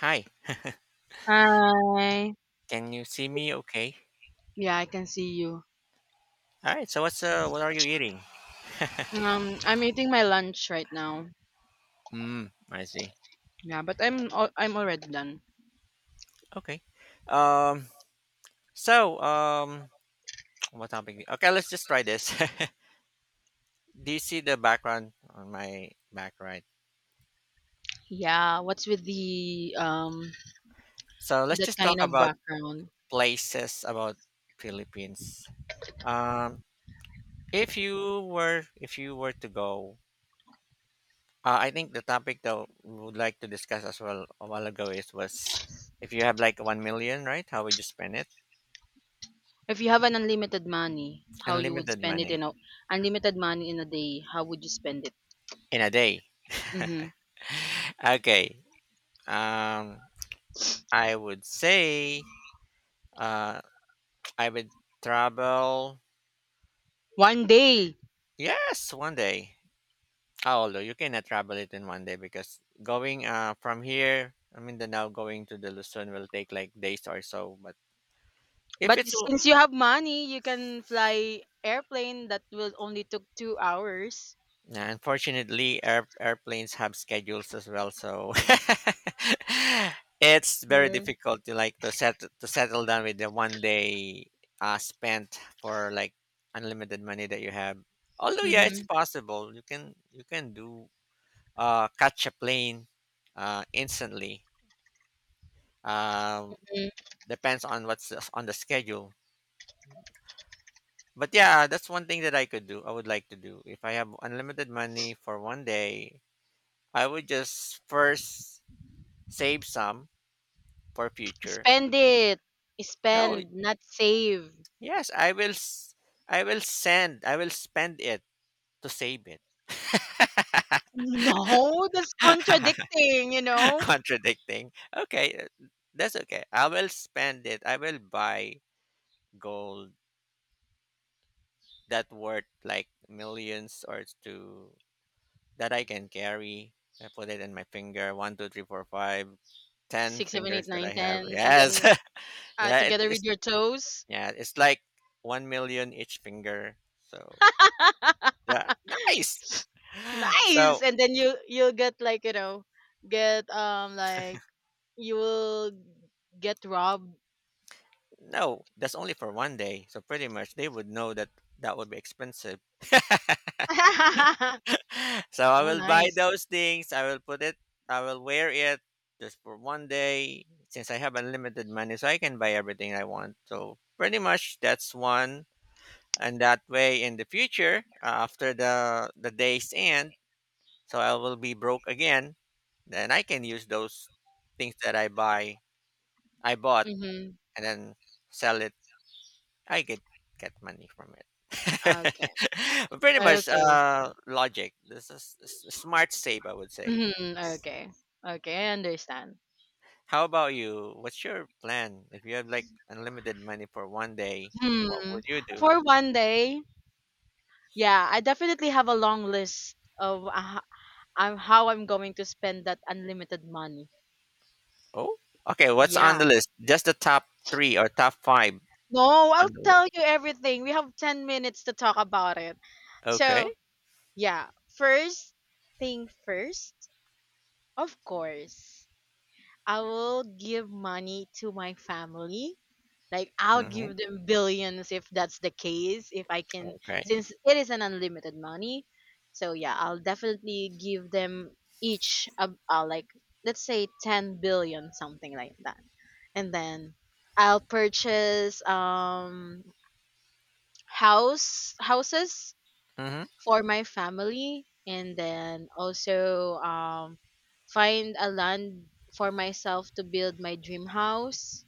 Hi, Hi. can you see me okay? Yeah, I can see you. All right, so what are you eating? I'm eating my lunch right now. Mm, I see. Yeah, but I'm already done. Okay. Um so um what topic? Okay, let's just try this. Do you see the background on my back, right? Yeah, what's with the So let's that just talk kind of about background? places about Philippines. Um if you were to go, I think the topic that we would like to discuss as well a while ago is was, if you have like 1 million, right? How would you spend it? If you have an unlimited money, how you would Unlimited spend it money. in a unlimited money in a day? How would you spend it? In a day. Mm-hmm. Okay. Um, I would say, uh, I would travel. One day. Yes, one day. Oh, although you cannot travel it in one day because going, from here, I mean, the now going to the Luzon will take like days or so. But if But it's. since you have money, you can fly airplane that will only took 2 hours. Yeah, unfortunately, airplanes have schedules as well, so it's very difficult to, like, to settle down with the one day, spent for like unlimited money that you have. Although, yeah, it's Mm-hmm. possible. You can do catch a plane, instantly. Um, depends on what's on the schedule. But yeah, that's one thing that I could do. I would like to do if I have unlimited money for one day. I would just first save some for future. Spend it. No, Spend, not save. yes, I will spend it to save it. No, that's contradicting, you know? Contradicting. Okay, that's okay. I will spend it. I will buy gold that worth like millions or two that I can carry. I put it in my finger. One, two, three, four, five, ten Six, seven, eight, fingers that I nine, ten, have. and then Yes. That together with it's, your toes. yeah, it's like 1 million each finger. So. Yeah, nice. So Nice! And then you'll get like, get, like, you will get robbed. no, that's only for one day. So pretty much they would know that that would be expensive. Oh, So I will buy nice. those things. I will put it. I will wear it just for one day since I have unlimited money, so I can buy everything I want. So pretty much that's one. And that way, in the future, after the day's end, so I will be broke again. Then I can use those things that I buy, I bought, Mm-hmm. and then sell it, I get money from it. Okay. But pretty much Okay. Logic. This is smart save, I would say. Mm-hmm. Okay. Okay, I understand. How about you? What's your plan? If you had like unlimited money for one day, what Hmm. would you do? For one day, yeah, I definitely have a long list of I'm how I'm going to spend that unlimited money. Oh, okay. What's on the Yeah. list? Just the top three or top five No, I'll on the list. tell you everything. We have 10 minutes to talk about it. Okay. So, yeah, first thing first, of course, I will give money to my family. Like I'll Mm-hmm. give them billions if that's the case, if I can, Okay. since it is an unlimited money. So yeah, I'll definitely give them each like, let's say 10 billion something like that. And then I'll purchase houses Mm-hmm. for my family, and then also find a land for myself to build my dream house,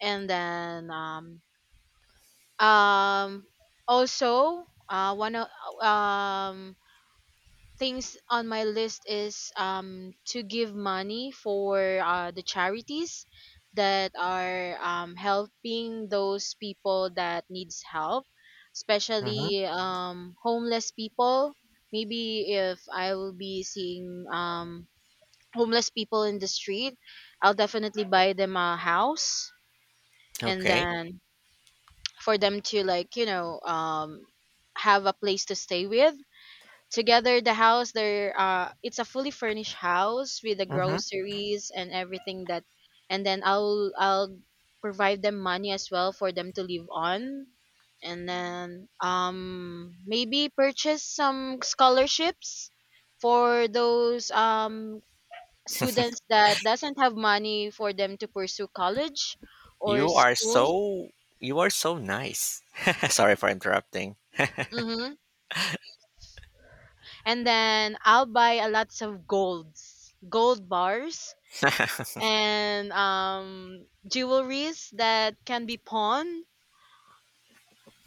and then um also one of um things on my list is to give money for the charities that are helping those people that needs help, Mm-hmm. especially homeless people. Maybe if I will be seeing homeless people in the street, I'll definitely buy them a house, and Okay. then, for them to, like, have a place to stay with, together the house there, it's a fully furnished house with the Mm-hmm. groceries and everything, that, and then I'll provide them money as well for them to live on. And then maybe purchase some scholarships for those students that doesn't have money for them to pursue college or You are school. so you are so nice. Sorry for interrupting. Mhm. And then I'll buy a lots of golds, gold bars, and jewelries that can be pawned,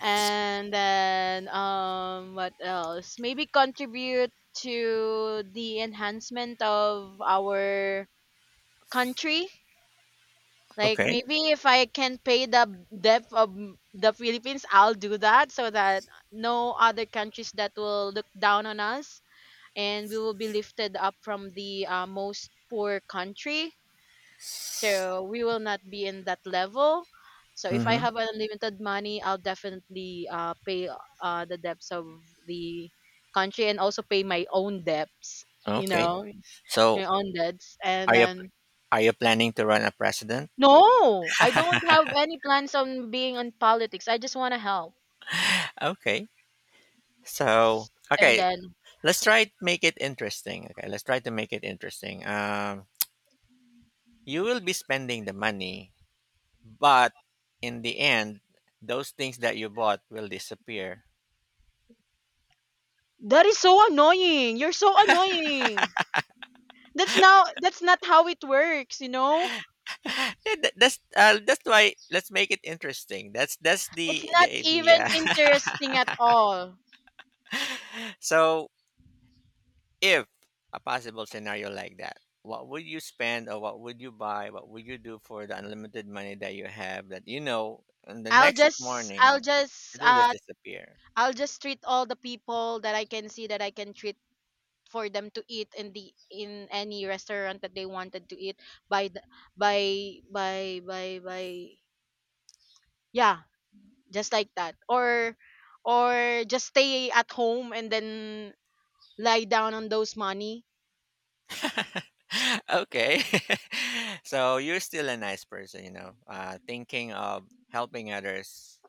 and then what else? Maybe contribute to the enhancement of our country. Like Okay. maybe if I can pay the debt of the Philippines, I'll do that so that no other countries that will look down on us, and we will be lifted up from the most poor country. So we will not be in that level. So if I Mm-hmm. have unlimited money, I'll definitely pay the debts of the country, and also pay my own debts. You Okay. know, So, my own debts, and Are you then are you planning to run a president? no, I don't have any plans on being on politics. I just want to help. Okay. So And okay, then let's try to make it interesting. Okay, let's try to make it interesting. You will be spending the money, but in the end, those things that you bought will disappear. that is so annoying. You're so annoying. That's not how it works, you know? Yeah, that's why let's make it interesting. That's It's the not idea. even interesting at all. So if a possible scenario like that, what would you spend or what would you buy? What would you do for the unlimited money that you have, that you know and the I'll next just I'll morning it just will just uh disappear? I'll just treat all the people that I can see that I can treat for them to eat in the in any restaurant that they wanted to eat by the, by yeah, just like that. Or just stay at home and then lie down on those money. Okay. So you're still a nice person, thinking of helping others.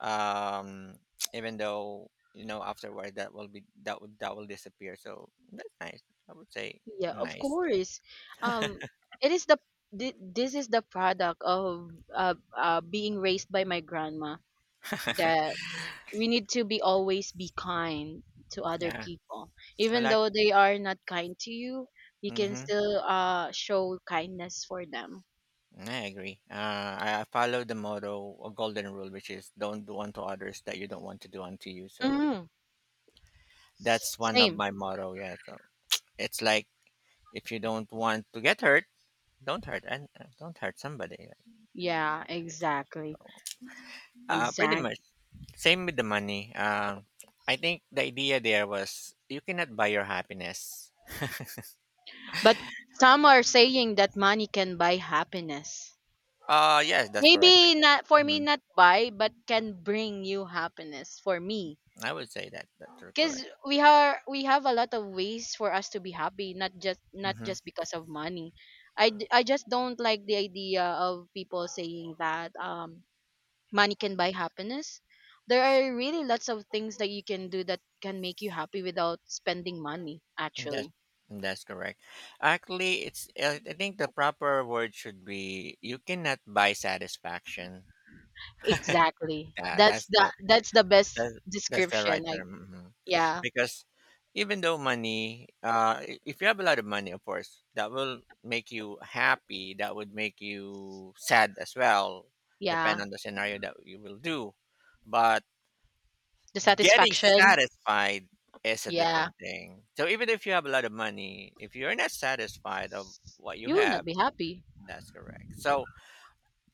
Um, even though afterward that will disappear. So that's nice. I would say Yeah, of nice. course. Um, it is the this is the product of being raised by my grandma, that we need to be always be kind to other Yeah. people, Well, even I like. though they are not kind to you. You can Mhm. still show kindness for them. I agree. I follow the motto, a golden rule, which is don't do unto others that you don't want to do unto you. So Mm, that's one of same. my motto. Yeah. So it's like if you don't want to get hurt, don't hurt, and don't hurt somebody. Like, Yeah, exactly, pretty exactly. much same with the money. I think the idea there was you cannot buy your happiness. But some are saying that money can buy happiness. Yes, that's correct. Maybe not for me, Mhm. not buy, but can bring you happiness for me. I would say that that's Cuz correct. We have a lot of ways for us to be happy, not just not Mhm. just because of money. I just don't like the idea of people saying that money can buy happiness. There are really lots of things that you can do that can make you happy without spending money That actually. that's correct. Actually, it's I think the proper word should be you cannot buy satisfaction. Exactly. Yeah, That's the that's the best that's, that's the description. right Like, term. Hmm. yeah, Because even though money, if you have a lot of money, of course, that will make you happy. That would make you sad as well, depend yeah. on the scenario that you will do. But The getting satisfaction. satisfied is a Yeah. different thing. So even if you have a lot of money, if you're not satisfied of what you You will have. not be happy. That's correct. So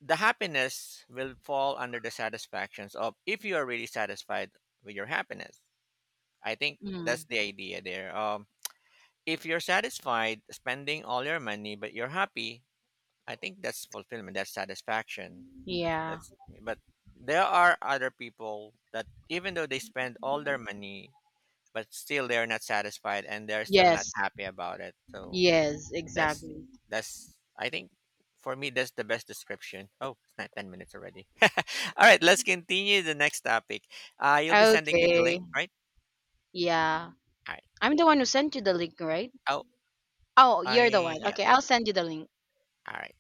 the happiness will fall under the satisfactions of if you are really satisfied with your happiness. I think that's Mm, the idea there. If you're satisfied spending all your money but you're happy, I think that's fulfillment. That's satisfaction. That, yeah. that's but there are other people that, even though they spend all their money, but still they're not satisfied and they're still not Yes. happy about it, so Yes, that's exactly. that's I think, for me, that's the best description. Oh, it's not 10 minutes already. All right, let's continue the next topic. You'll be sending me the link, Okay. right? Yeah. All right. I'm the one who sent you the link, right? Oh, Oh, you're the I, one. yes. Okay, I'll send you the link. All right.